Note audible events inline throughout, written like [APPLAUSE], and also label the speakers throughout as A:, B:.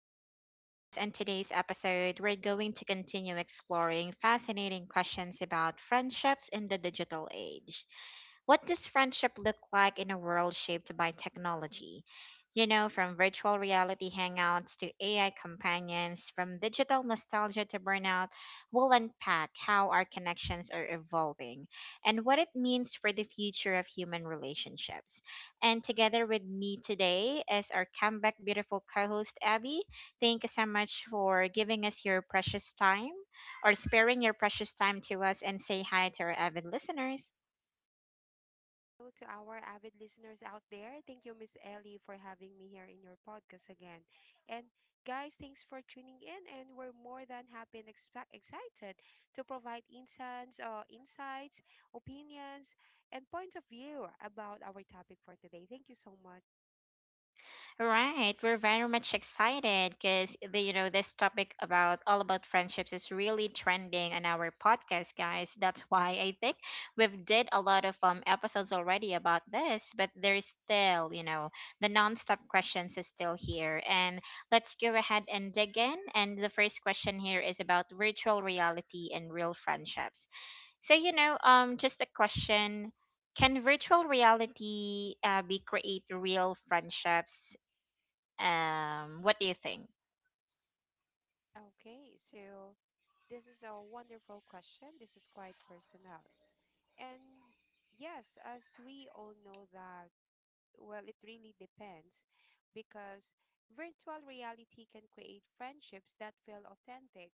A: our podcast. And today's episode, we're going to continue exploring fascinating questions about friendships in the digital age. What does friendship look like in a world shaped by technology? You know, from virtual reality hangouts to AI companions, from digital nostalgia to burnout, we'll unpack how our connections are evolving and what it means for the future of human relationships. And together with me today is our comeback beautiful co host, Abby. Thank you so much for giving us your precious time or sparing your precious time to us and say hi to our avid listeners.
B: Hello to our avid listeners out there. Thank you, Miss Ellie, for having me here in your podcast again. And guys, thanks for tuning in. And we're more than happy and excited to provide insights, opinions, and points of view about our topic for today. Thank you so much.
A: Right, we're very much excited because the this topic about all about friendships is really trending on our podcast, guys. That's why I think we've did a lot of episodes already about this, but there's still the non-stop questions is still here. And let's go ahead and dig in. And the first question here is about virtual reality and real friendships. So just a question, can virtual reality be create real friendships? What do you think?
B: Okay, so this is a wonderful question. This is quite personal. And yes, as we all know that, well, it really depends because virtual reality can create friendships that feel authentic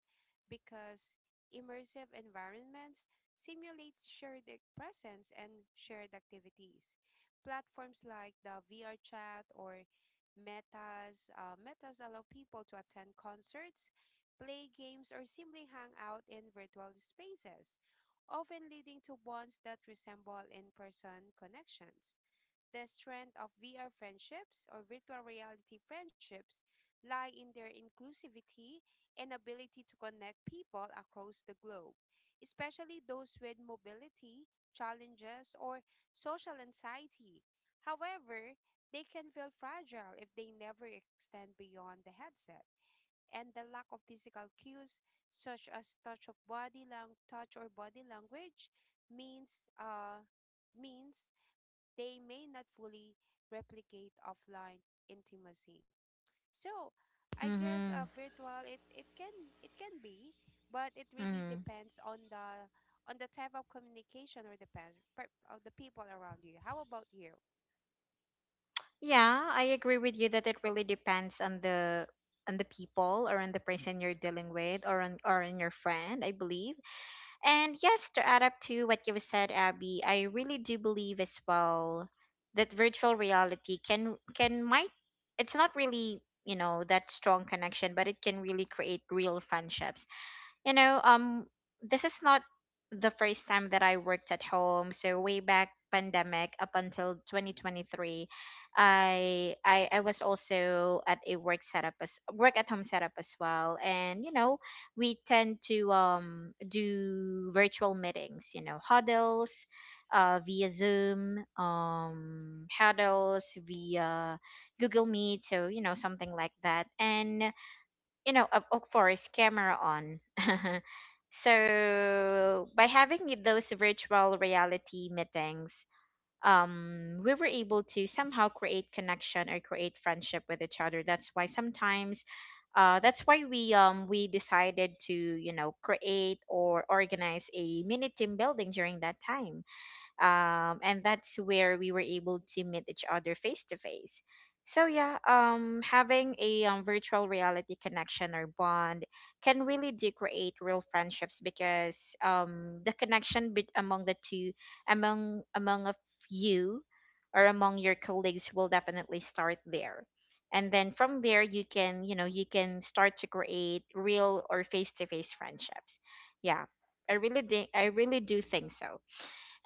B: because immersive environments simulates shared presence and shared activities. Platforms like the VR chat or Metas allow people to attend concerts, play games, or simply hang out in virtual spaces, often leading to bonds that resemble in person connections. The strength of VR friendships or virtual reality friendships lie in their inclusivity and ability to connect people across the globe, especially those with mobility challenges or social anxiety. However, they can feel fragile if they never extend beyond the headset. And the lack of physical cues, such as touch or body language, means uh means they may not fully replicate offline intimacy. So, I guess
A: Mm-hmm.
B: virtual it, it can be, but it really
A: Mm-hmm.
B: depends on the type of communication or depends of the people around you. How about you?
A: Yeah, I agree with you that it really depends on the people, or on the person you're dealing with, or on your friend, I believe. And yes, to add up to what you said, Abby, I really do believe as well that virtual reality can might, it's not really, you know, that strong connection, but it can really create real friendships. You know, this is not the first time that I worked at home. So way back pandemic up until 2023, I was also at a work setup, as work at home setup as well. And you know, we tend to do virtual meetings. You know, huddles, via Zoom, huddles via Google Meet. So you know, something like that. And you know, of course, camera on. [LAUGHS] So by having those virtual reality meetings, we were able to somehow create connection or create friendship with each other. That's why sometimes, that's why we decided to you know create or organize a mini team building during that time, and that's where we were able to meet each other face to face. So yeah, having a virtual reality connection or bond can really do create real friendships, because the connection bet among the two, among among of you, or among your colleagues will definitely start there, and then from there you can you know you can start to create real or face-to-face friendships. Yeah, I really do think so.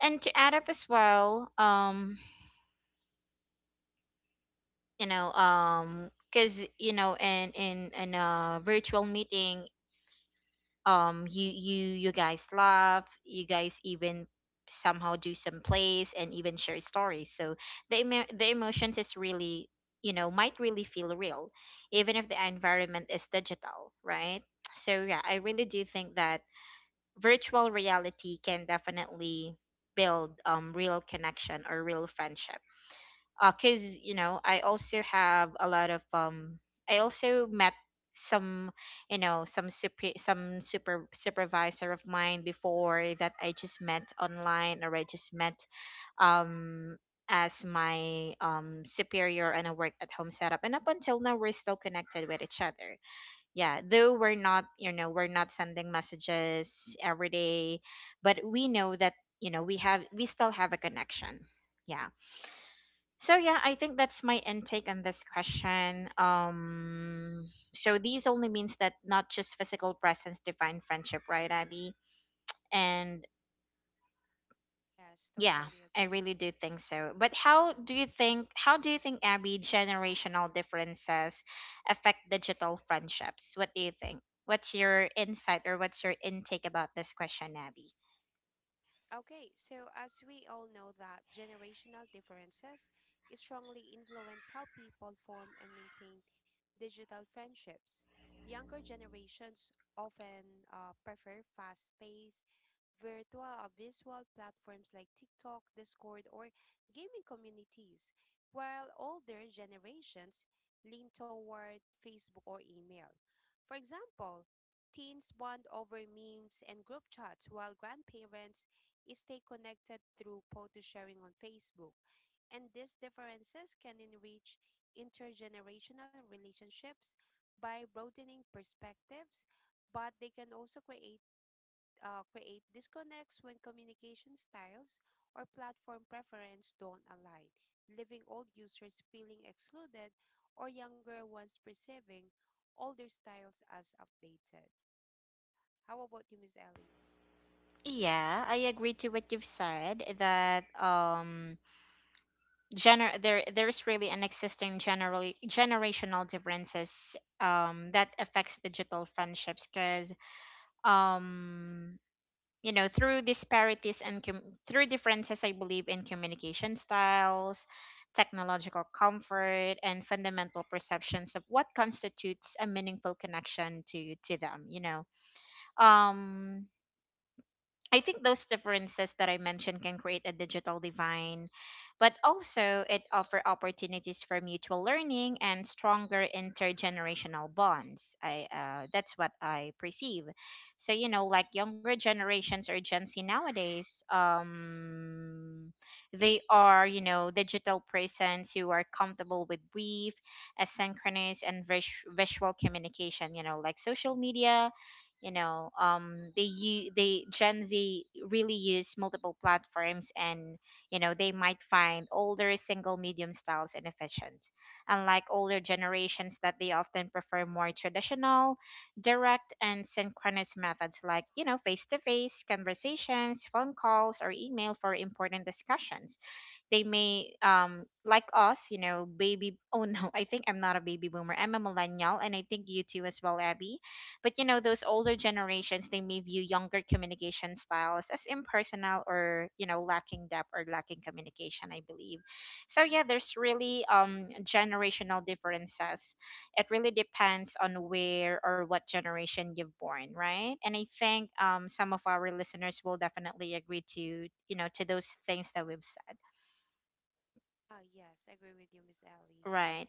A: And to add up as well, you know, because you know in a virtual meeting, you guys laugh, you guys even somehow do some plays and even share stories. So the emotions is really, you know, might really feel real, even if the environment is digital, right? So yeah, I really do think that virtual reality can definitely build real connection or real friendship. Cuz you know, I also have a lot of I also met some, you know, some super supervisor of mine before that I just met online, or I just met, um as my superior, and a work at home setup, and up until now we're still connected with each other. Yeah, though we're not, you know, we're not sending messages every day, but we know that, you know, we still have a connection. Yeah. So yeah, I think that's my intake on this question. So these only means that not just physical presence define friendship, right, Abby? And
B: Yes,
A: yeah,
B: totally
A: I
B: agree.
A: really do think so. But how do you think? How do you think, Abby, generational differences affect digital friendships? What do you think? What's your insight or what's your intake about this question, Abby?
B: Okay, so as we all know that generational differences strongly influence how people form and maintain digital friendships. Younger generations often prefer fast-paced virtual visual platforms like TikTok, Discord, or gaming communities, while older generations lean toward Facebook or email. For example, teens bond over memes and group chats, while grandparents stay connected through photo sharing on Facebook, and these differences can enrich intergenerational relationships by broadening perspectives, but they can also create disconnects when communication styles or platform preference don't align, leaving old users feeling excluded or younger ones perceiving older styles as outdated. How about you, Miss Ellie?
A: Yeah, I agree to what you've said that gener there's really an existing generally generational differences that affects digital friendships, because um you know through disparities and through differences I believe in communication styles, technological comfort, and fundamental perceptions of what constitutes a meaningful connection to them, you know. um I think those differences that I mentioned can create a digital divine, but also it offer opportunities for mutual learning and stronger intergenerational bonds. I That's what I perceive. So you know, like younger generations or Gen Z nowadays, they are you know digital persons who are comfortable with brief, asynchronous, and visual communication. You know, like social media, you know, they Gen Z really use multiple platforms, and you know they might find older single medium styles inefficient, unlike older generations that they often prefer more traditional, direct, and synchronous methods, like you know face to face conversations, phone calls, or email for important discussions. They may like us, you know, baby oh no I think I'm not a baby boomer, I'm a millennial, and I think you too as well, Abby. But you know those older generations, they may view younger communication styles as impersonal, or you know lacking depth or lacking communication, I believe. So yeah, there's really generational differences. It really depends on where or what generation you've born, right? And I think some of our listeners will definitely agree to you know to those things that we've said.
B: Ah, yes, agree with you, Miss Ellie.
A: Right.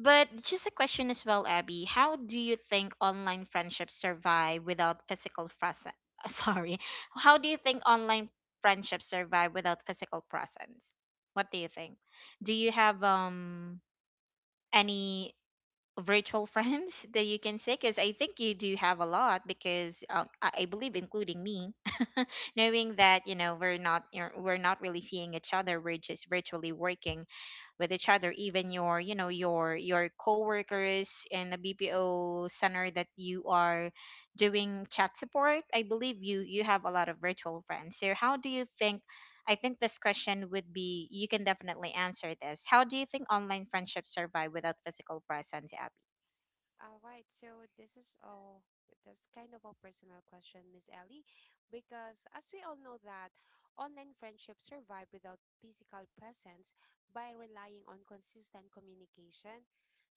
A: But just a question as well, Abby. How do you think online friendships survive without physical presence? [LAUGHS] Sorry. How do you think online friendships survive without physical presence? What do you think? Do you have any virtual [LAUGHS] friends that you can say? Because I think you do have a lot. Because I believe, including me, [LAUGHS] knowing that you know we're not really seeing each other. We're just virtually working with each other, even your you know your coworkers in the BPO center that you are doing chat support. I believe you have a lot of virtual friends. So how do you think, I think this question would be, you can definitely answer this. How do you think online friendships survive without physical presence, Abby?
B: All right, so this is all that's kind of a personal question, Miss Ellie, because as we all know that online friendships survive without physical presence by relying on consistent communication,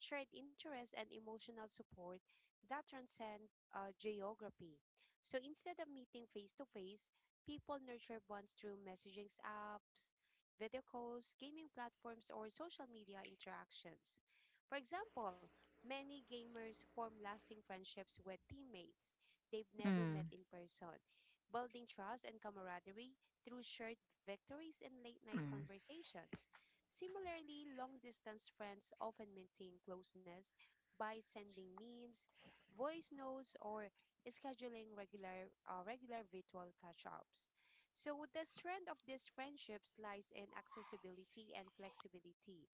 B: shared interests, and emotional support that transcend geography. So instead of meeting face to face, people nurture bonds through messaging apps, video calls, gaming platforms, or social media interactions. For example, many gamers form lasting friendships with teammates they've never met
A: Mm.
B: in person, building trust and camaraderie through shared victories and late night
A: Mm.
B: conversations. Similarly, long distance friends often maintain closeness by sending memes, voice notes, or scheduling regular virtual catch-ups. So the strength of these friendships lies in accessibility and flexibility.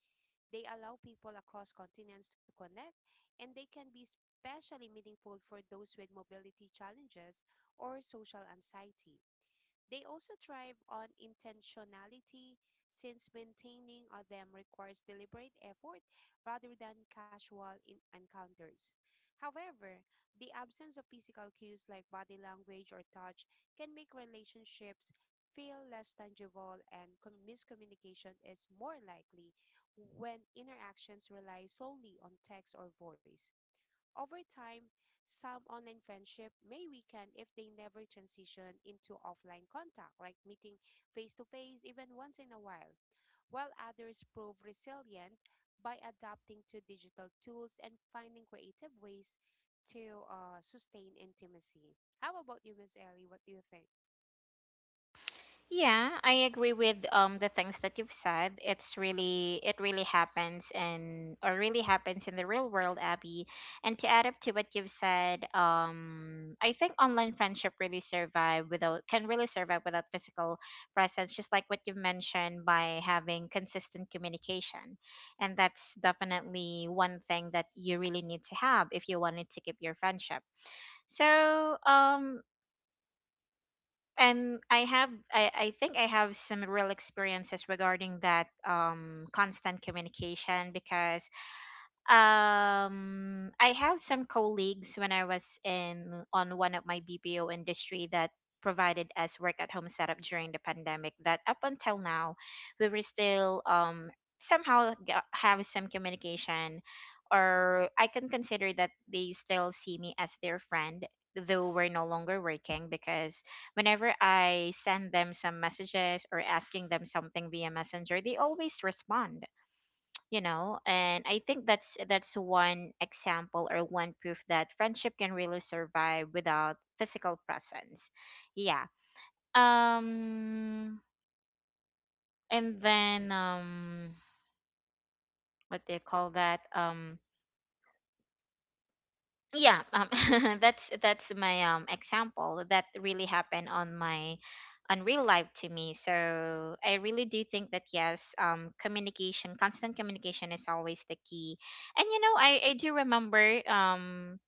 B: They allow people across continents to connect, and they can be especially meaningful for those with mobility challenges or social anxiety. They also thrive on intentionality since maintaining them requires deliberate effort rather than casual encounters. However, the absence of physical cues like body language or touch can make relationships feel less tangible and miscommunication is more likely when interactions rely solely on text or voice. Over time, some online friendship may weaken if they never transition into offline contact, like meeting face to face even once in a while others prove resilient by adapting to digital tools and finding creative ways to sustain intimacy. How about you, Miss Ellie? What do you think?
A: Yeah, I agree with the things that you've said. It's really it really happens and or really happens in the real world, Abby. And to add up to what you've said, I think online friendship really survive without can really survive without physical presence, just like what you've mentioned, by having consistent communication. And that's definitely one thing that you really need to have if you wanted to keep your friendship. So, and I have I think I have some real experiences regarding that constant communication, because I have some colleagues when I was in on one of my BPO industry that provided us work at home setup during the pandemic, that up until now we were still have some communication, or I can consider that they still see me as their friend, though we're no longer working. Because whenever I send them some messages or asking them something via messenger, they always respond, you know. And I think that's one example or one proof that friendship can really survive without physical presence. Yeah. um and then What do you call that? Yeah um [LAUGHS] that's my example that really happened on my, on real life, to me. So I really do think that yes, communication, constant communication is always the key. And you know, I do remember,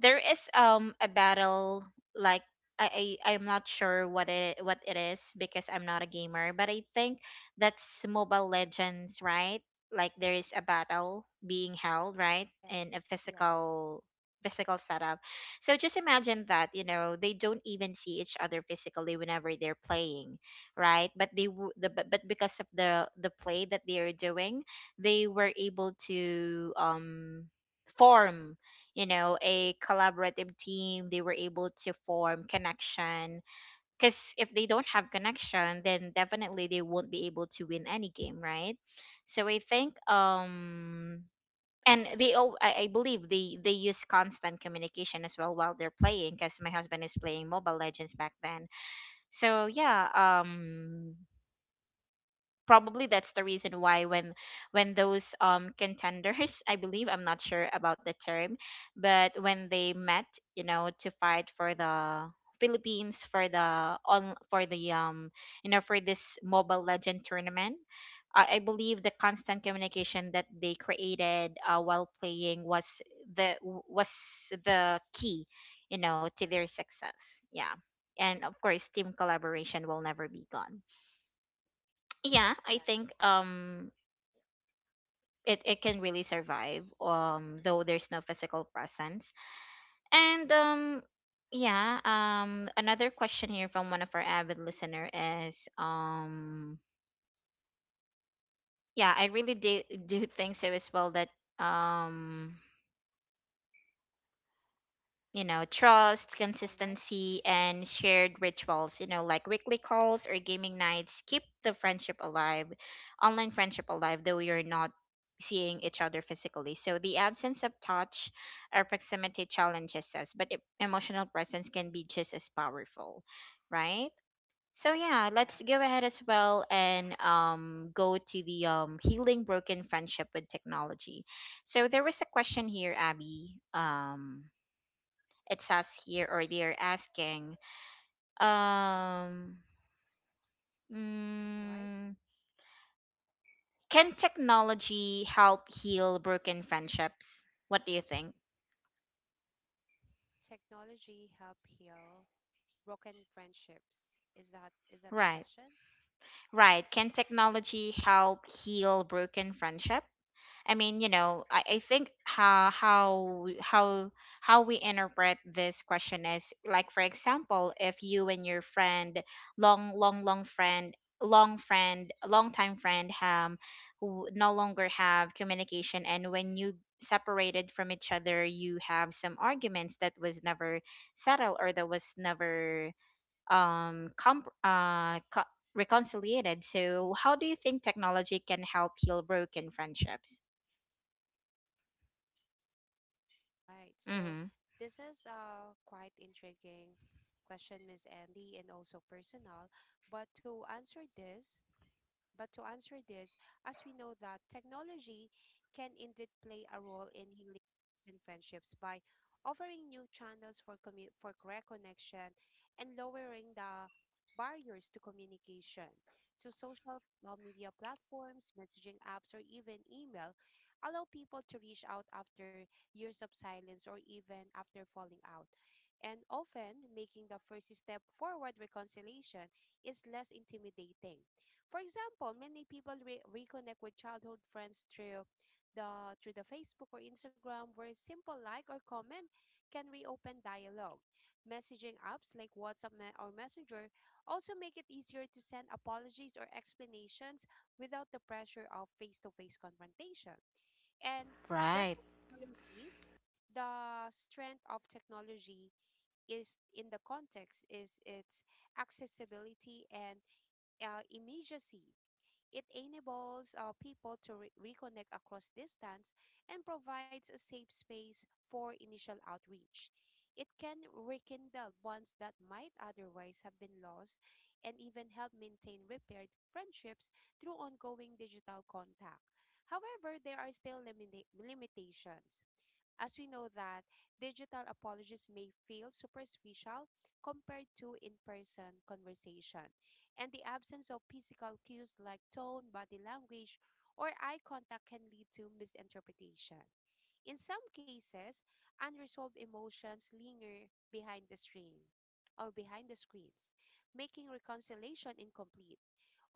A: there is a battle, like, I'm not sure what it is, because I'm not a gamer, but I think that's Mobile Legends, right? Like there is a battle being held, right, in a
B: Yes, yes.
A: physical setup. So just imagine that, you know, they don't even see each other physically whenever they're playing, right? But but because of the play that they are doing, they were able to form, you know, a collaborative team. They were able to form connection, because if they don't have connection then definitely they won't be able to win any game, right? So I think and they all I believe they use constant communication as well while they're playing, because my husband is playing Mobile Legends back then. So yeah, probably that's the reason why when those contenders, I believe I'm not sure about the term, but when they met, you know, to fight for the
B: Mm-mm.
A: Philippines, for the you know for this Mobile Legend tournament, I believe the constant communication that they created while playing was the was the key, you know, to their success. Yeah, and of course, team collaboration will never be gone. Yeah, i think
B: Yes.
A: um it can really survive though there's no physical presence. And yeah Another question here from one of our avid listener is, yeah, I really do think so as well that um you know, trust,
B: All right.
A: consistency, and shared rituals, you know, like weekly calls or gaming nights keep the friendship alive, online friendship alive, though you're not seeing each other physically. So the absence of touch or proximity challenges us, but emotional presence can be just as powerful, right? So yeah, let's
B: Yes.
A: go ahead as well and go to the healing broken friendship with technology. So there was a question here, Abby. It says here or they're asking. um
B: All right.
A: mm, can technology help heal broken friendships, what do you think?
B: Can technology help heal broken friendships? Is that the
A: Right,
B: question?
A: right, can technology help heal broken friendships? I mean, you know, I think how we interpret this question is, like, for example, if you and your friend, long long long friend, long time friend, who no longer have communication, and when you separated from each other, you have some arguments that was never settled or that was never um comp uh co- reconciliated. So, how do you think technology can help heal broken friendships?
B: All right. So
A: Mm-hmm.
B: this is a quite intriguing question, Miss Andy, and also personal. But to answer this, But to answer this, as we know that technology can indeed play a role in healing and friendships by offering new channels for correct connection and lowering the barriers to communication. So social media platforms, messaging apps, or even email allow people to reach out after years of silence or even after falling out. And often, making the first step forward reconciliation is less intimidating. For example, many people reconnect with childhood friends through the Facebook or Instagram where a simple like or comment can reopen dialogue. Messaging apps like WhatsApp or Messenger also make it easier to send apologies or explanations without the pressure of face-to-face confrontation. And the
A: Right.
B: technology, the strength of technology is in the context is its accessibility and immediacy. It enables people to reconnect across distance and provides a safe space for initial outreach. It can rekindle bonds that might otherwise have been lost and even help maintain repaired friendships through ongoing digital contact. However, there are still limitations. As we know that digital apologies may feel superficial compared to in-person conversation and the absence of physical cues like tone, body language, or eye contact can lead to misinterpretation. In some cases, unresolved emotions linger behind the screen or behind the screens, making reconciliation incomplete.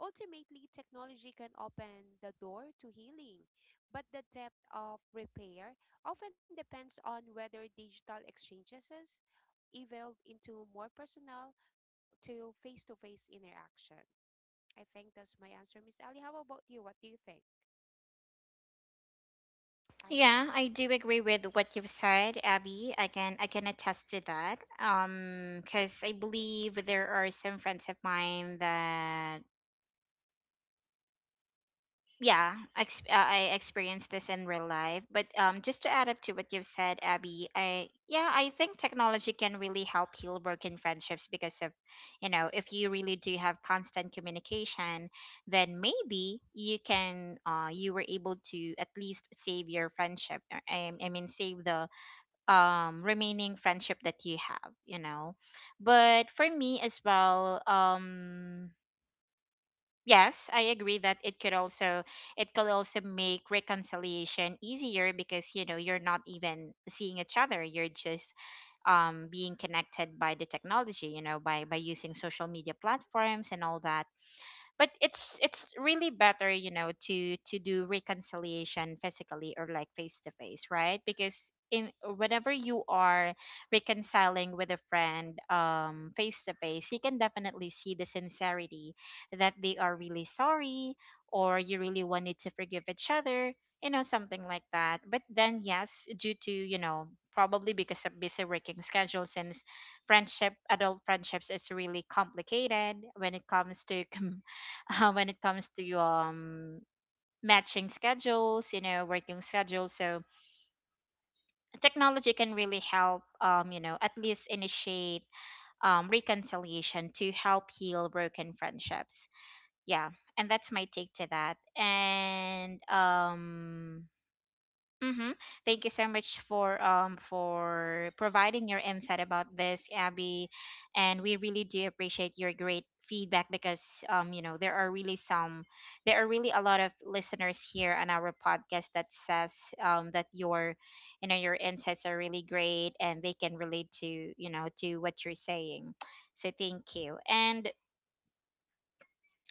B: Ultimately, technology can open the door to healing, but the depth of repair often depends on whether digital exchanges evolve into more personal to face interaction. I think that's my answer, Miss Ellie. How about you? What do you think? All
A: Yeah,
B: right.
A: I do agree with what you've said, Abby. I can attest to that. Because I believe there are some friends of mine that I experienced this in real life. But um, just to add up to what you've said, Abby, I think technology can really help heal broken friendships, because of, you know, if you really do have constant communication, then maybe you can you were able to at least save your friendship, I mean save the remaining friendship that you have, you know. But for me as well, um, yes, I agree that it could also, it could also make reconciliation easier because, you know, you're not even seeing each other. You're just being connected by the technology, you know, by using social media platforms and all that. But it's really better, you know, to do reconciliation physically or like face to face, right? Because in whenever you are reconciling with a friend face to face, you can definitely see the sincerity that they are really sorry, or you really wanted to forgive each other, you know, something like that. But then yes, due to, you know, probably because of busy working schedule, since friendship, adult friendships is really complicated when it comes to [LAUGHS] [LAUGHS] when it comes to matching schedules, you know, working schedules. So technology can really help, um, you know, at least initiate reconciliation to help heal broken friendships. Yeah. And that's my take to that. And um, mm-hmm. Thank you so much for providing your insight about this, Abby, and we really do appreciate your great feedback, because you know, there are really a lot of listeners here on our podcast that says that your, you know, your insights are really great and they can relate to, you know, to what you're saying. So thank you. And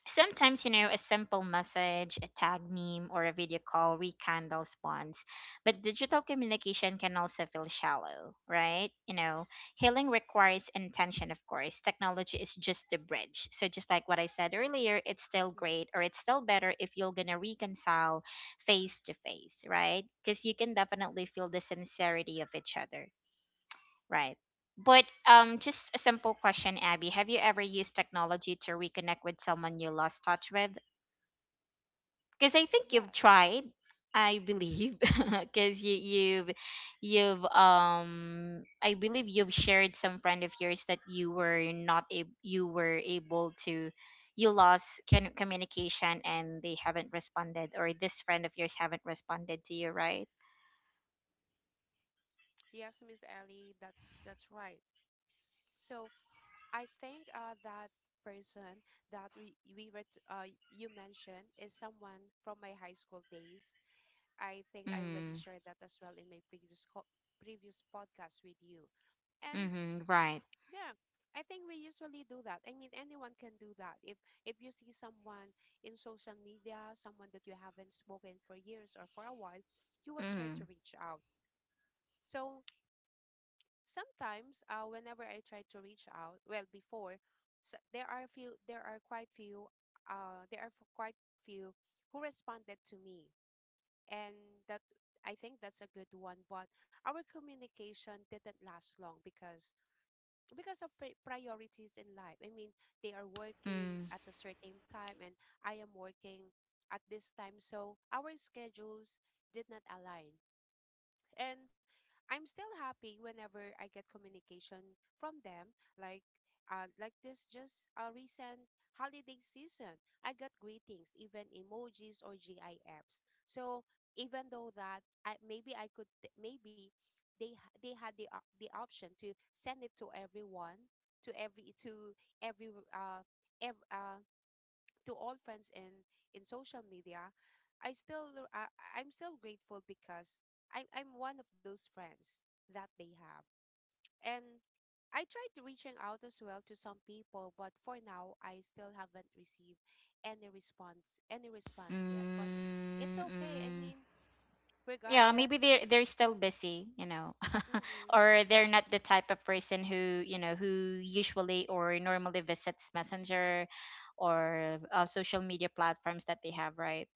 A: sometimes, you know, a simple message, a tag meme, or a video call rekindles bonds. But digital communication can also feel shallow, right? You know, healing requires intention, of course. Technology is just the bridge. So, just like what I said earlier, it's still great, or
B: Yes.
A: it's still better if you're going to reconcile face to face, right? Because you can definitely feel the sincerity of each other. Right. But just a simple question, Abby. Have you ever used technology to reconnect with someone you lost touch with? Because I
B: Ah,
A: think you've
B: yes.
A: tried, I believe, [LAUGHS] because you you've I believe you've shared some friend of yours that you were not a you were able to, you lost can communication, and they haven't responded, or this friend of yours haven't responded to you, right?
B: Yes, Miss Ellie. That's right. So I think that person that you mentioned is someone from my high school days. I think I already
A: Mm.
B: shared that as well in my previous podcast with you. And
A: Mm-hmm. Right.
B: yeah, I think we usually do that. I mean, anyone can do that. If you see someone in social media, someone that you haven't spoken for years or for a while, you will try to
A: Mm.
B: reach out. So sometimes, whenever I try to reach out, well, before, so there are few, there are quite few, there are f- quite few who responded to me, and that I think that's a good one. But our communication didn't last long because of priorities in life. I mean, they are working
A: Mm.
B: at a certain time and I am working at this time. So our schedules did not align. And I'm still happy whenever I get communication from them, like like this just a recent holiday season. I got greetings, even emojis or GIFs. So even though that I, maybe I could maybe they ha- they had the the option to send it to everyone to every to every uh ev- uh to all friends in social media, I still I, I'm still grateful because I'm one of those friends that they have. And I tried to reaching out as well to some people, but for now I still haven't received any response yet. But it's
A: Mm,
B: okay. I
A: mm.
B: mean,
A: Yeah, maybe
B: regardless,
A: they're still busy, you know, [LAUGHS]
B: mm-mm.
A: or they're
B: [LAUGHS]
A: not the type of person who, you know, who usually or normally visits Messenger or social media platforms that they have, right?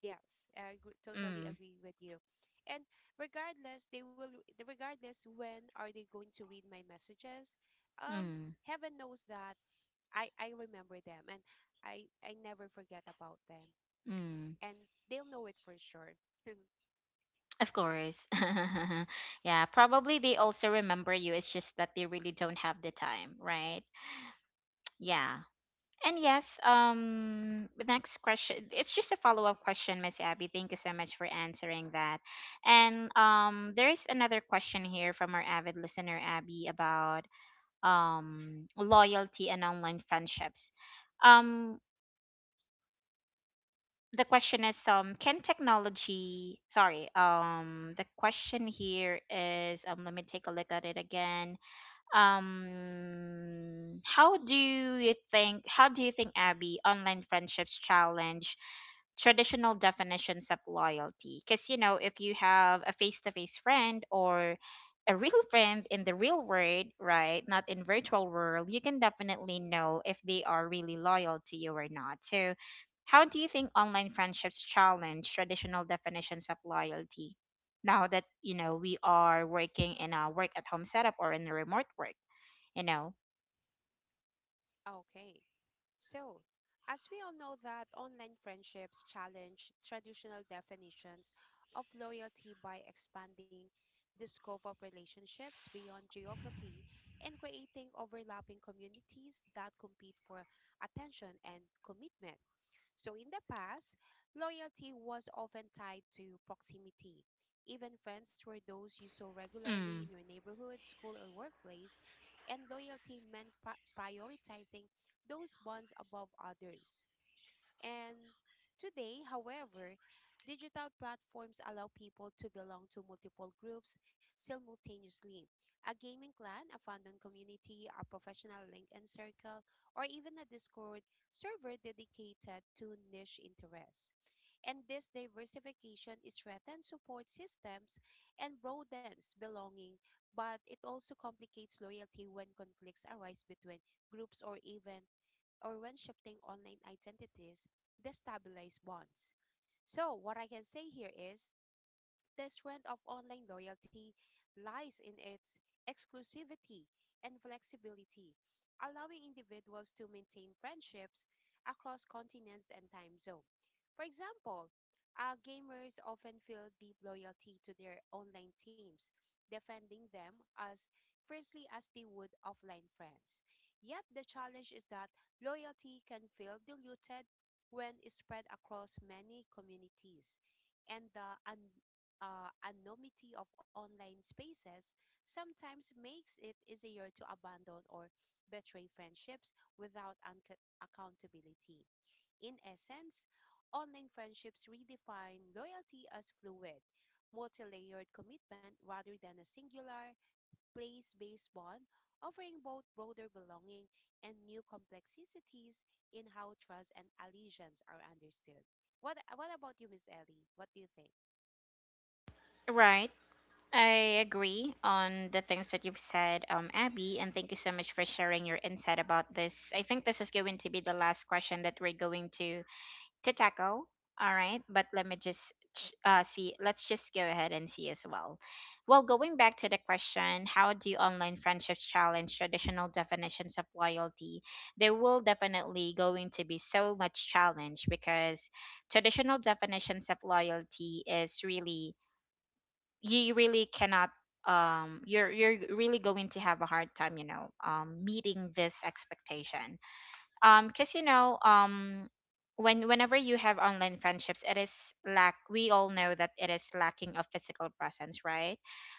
B: Yes, I agree, totally
A: Mm,
B: agree with you. And regardless, they will regardless when are they going to read my messages? Um,
A: mm,
B: heaven knows that I remember them and I never forget about them.
A: mm.
B: And they'll know it for sure. [LAUGHS]
A: Of course. [LAUGHS] Yeah, probably they also remember you. It's just that they really don't have the time, right? [TSK] Yeah. And yes, the next question, it's just a follow-up question, Miss Abby. Thank you so much for answering that. And there is another question here from our avid listener, Abby, about loyalty and online friendships. Um, the question is, can technology, sorry, the question here is, let me take a look at it again. How do you think, Abby, online friendships challenge traditional definitions of loyalty? Because, you know, if you have a face-to-face friend or a real friend in the real world, right, not in virtual world, you can definitely know if they are really loyal to you or not. So how do you think online friendships challenge traditional definitions of loyalty, now that, you know, we are working in a work at home setup or in a remote work, you know.
B: Okay. So, as we all know that online friendships challenge traditional definitions of loyalty by expanding the scope of relationships beyond geography and creating overlapping communities that compete for attention and commitment. So in the past, loyalty was often tied to proximity. Even friends were those you saw
A: Mm.
B: regularly in your neighborhood, school, or workplace, and loyalty meant prioritizing those bonds above others. And today, however, digital platforms allow people to belong to multiple groups simultaneously: a gaming clan, a fandom community, a professional LinkedIn circle, or even a Discord server dedicated to niche interests. And this diversification is strengthens support systems and broadens belonging, but it also complicates loyalty when conflicts arise between groups or when shifting online identities destabilize bonds. So, what I can say here is the strength of online loyalty lies in its exclusivity and flexibility, allowing individuals to maintain friendships across continents and time zone. For example, gamers often feel deep loyalty to their online teams, defending them as fiercely as they would offline friends. Yet the challenge is that loyalty can feel diluted when it's spread across many communities, and the anonymity of online spaces sometimes makes it easier to abandon or betray friendships without accountability. In essence, online friendships redefine loyalty as fluid, multi layered commitment rather than a singular, place based bond, offering both broader belonging and new complexities in how trust and allegiance are understood. What about you, Miss Ellie? What do you think?
A: Right. I agree on the things that you've said, Abby, and thank you so much for sharing your insight about this. I think this is going to be the last question that we're going to tackle. All right, but let me just see. Let's just go ahead and see as well. Well, going back to the question, how do online friendships challenge traditional definitions of loyalty? There will definitely going to be so much challenge because traditional definitions of loyalty is really, you really cannot um, you're really going to have a hard time, you know, um, meeting this expectation, um, because, you know, um, whenever you have online friendships, it is lack, we all know that it is lacking of physical presence, right,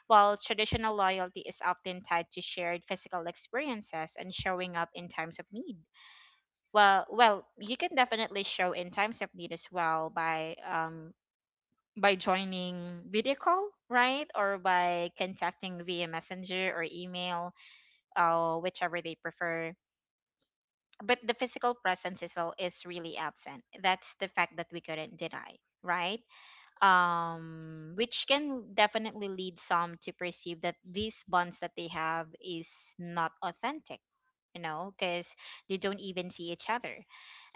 A: while traditional loyalty is often tied to shared physical experiences and showing up in times of need. Well, you can definitely show in times of need as well by um, by joining video call, right, or by contacting via messenger or email, whichever they prefer. But the physical presence is all, is really absent, that's the fact that we couldn't deny, right, um, which can definitely lead some to perceive that these bonds that they have is not authentic, you know, because they don't even see each other.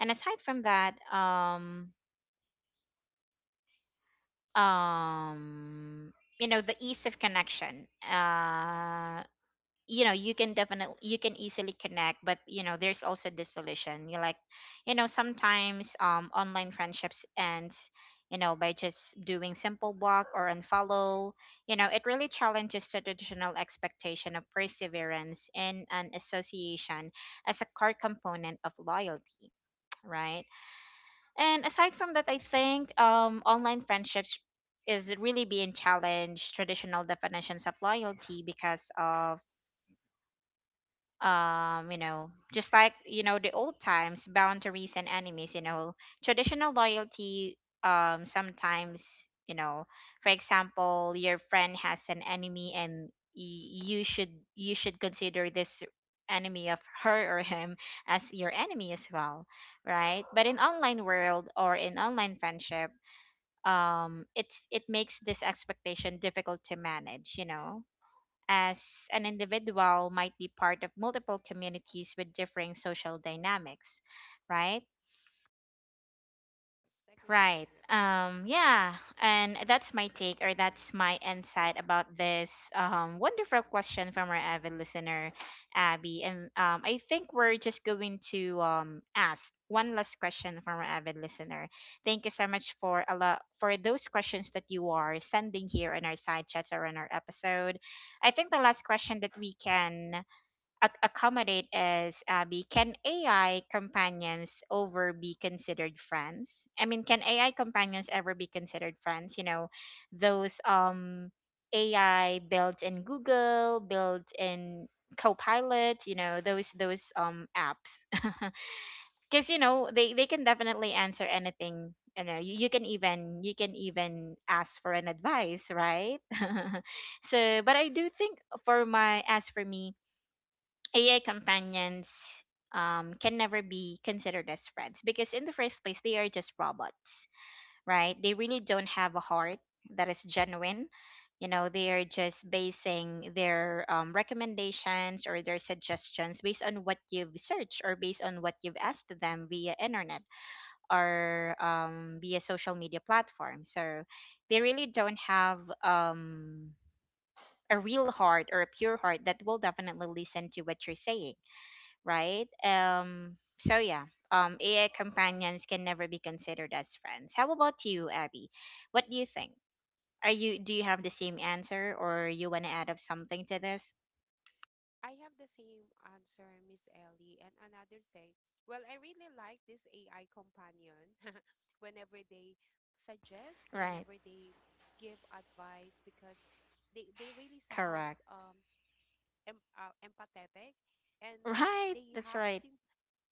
A: And aside from that, um you know, the ease of connection, uh, you know, you can definitely, you can easily connect, but, you know, there's also this solution you like, you know, sometimes online friendships ends, you know, by just doing simple block or unfollow, you know. It really challenges the traditional expectation of perseverance in an association as a core component of loyalty, right? And aside from that, I think online friendships is really being challenged traditional definitions of loyalty because of um, you know, just like, you know, the old times boundaries and enemies, you know, traditional loyalty, um, sometimes, you know, for example, your friend has an enemy, and you should consider this enemy of her or him as your enemy as well, right? But in online world or in online friendship, um, it makes this expectation difficult to manage, you know, as an individual might be part of multiple communities with differing social dynamics, right?
B: Yes, agree with
A: Right.
B: you.
A: Yeah. And that's my take, or that's my insight about this wonderful question from our avid listener, Abby. And I think we're just going to ask one last question from our avid listener. Thank you so much for a lot for those questions that you are sending here in our side chats or in our episode. I think the last question that we can accommodate as Abby, can AI companions over be considered friends? I mean, can AI companions ever be considered friends? You know, those AI built in Google, built in Copilot, you know, those apps. [LAUGHS] Cuz you know, they can definitely answer anything. You know, you can even, you can even ask for an advice, right? [LAUGHS] So, but I do think for my, as for me, AI companions can never be considered as friends, because, in the first place, they are just robots, right? They really don't have a
B: Yes.
A: heart that is genuine. You know, they are just basing their recommendations or their suggestions based on what you've searched or based on what you've asked them via internet or via social media platform. So they really don't have a real heart or a pure heart that will definitely listen to what you're saying, right? So yeah, AI companions can never be considered as friends. How about you, Abby? What do you think? Are you, do you have the same answer, or you want to add up something to this?
B: I have the same answer, Miss Ellie. And another thing, well, I really like this AI companion [LAUGHS] whenever they suggest,
A: Right,
B: whenever they give advice, because they really sound
A: correct.
B: empathetic and
A: Right,
B: they
A: that's
B: have
A: right,
B: sim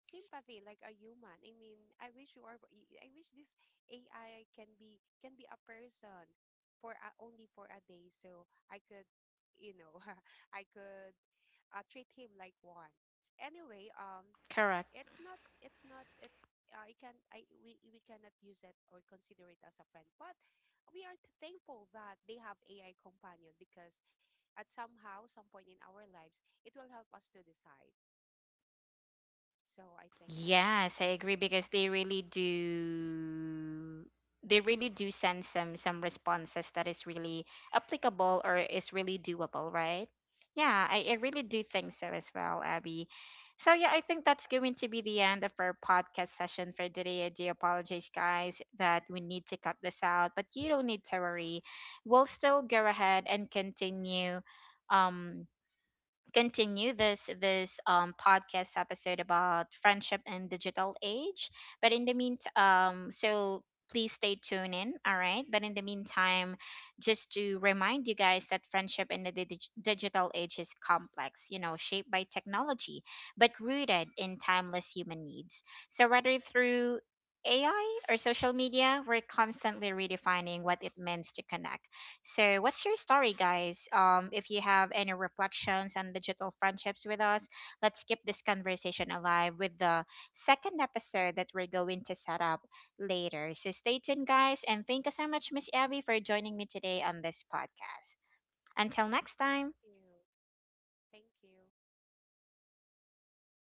B: sympathy like a human. I mean, I wish you are. I wish this AI can be a person for a, only for a day, so I could, you know, [LAUGHS] I could treat him like one. Anyway,
A: correct.
B: it's not, it's not, it's. I can, I we cannot use it or consider it as a friend, but we are thankful that they have AI companion because, at somehow, some point in our lives, it will help us to decide. So I think that's it,
A: Yes,
B: Miss
A: I agree
B: Ellie.
A: because they really do, they really do send some responses that is really applicable or is really doable, right? Yeah, I really do think so as well, Abby. So yeah, I think that's going to be the end of our podcast session for today. I do apologize, guys, that we need to cut this out, but you don't need to worry. We'll still go ahead and continue um, continue this podcast episode about friendship in digital age. But in the meantime, um, so please stay tuned in. All right, but in the meantime, just to remind you guys that friendship in the digital age is complex, you know, shaped by technology but rooted in timeless human needs. So whether through AI or social media, we're constantly redefining what it means to connect. So, what's your story, guys? If you have any reflections on digital friendships with us, let's keep this conversation alive with the second episode that we're going to set up later. So, stay tuned, guys, and thank you so much, Miss Abby, for joining me today on this podcast. Until next
B: Thank
A: time.
B: you. Thank you.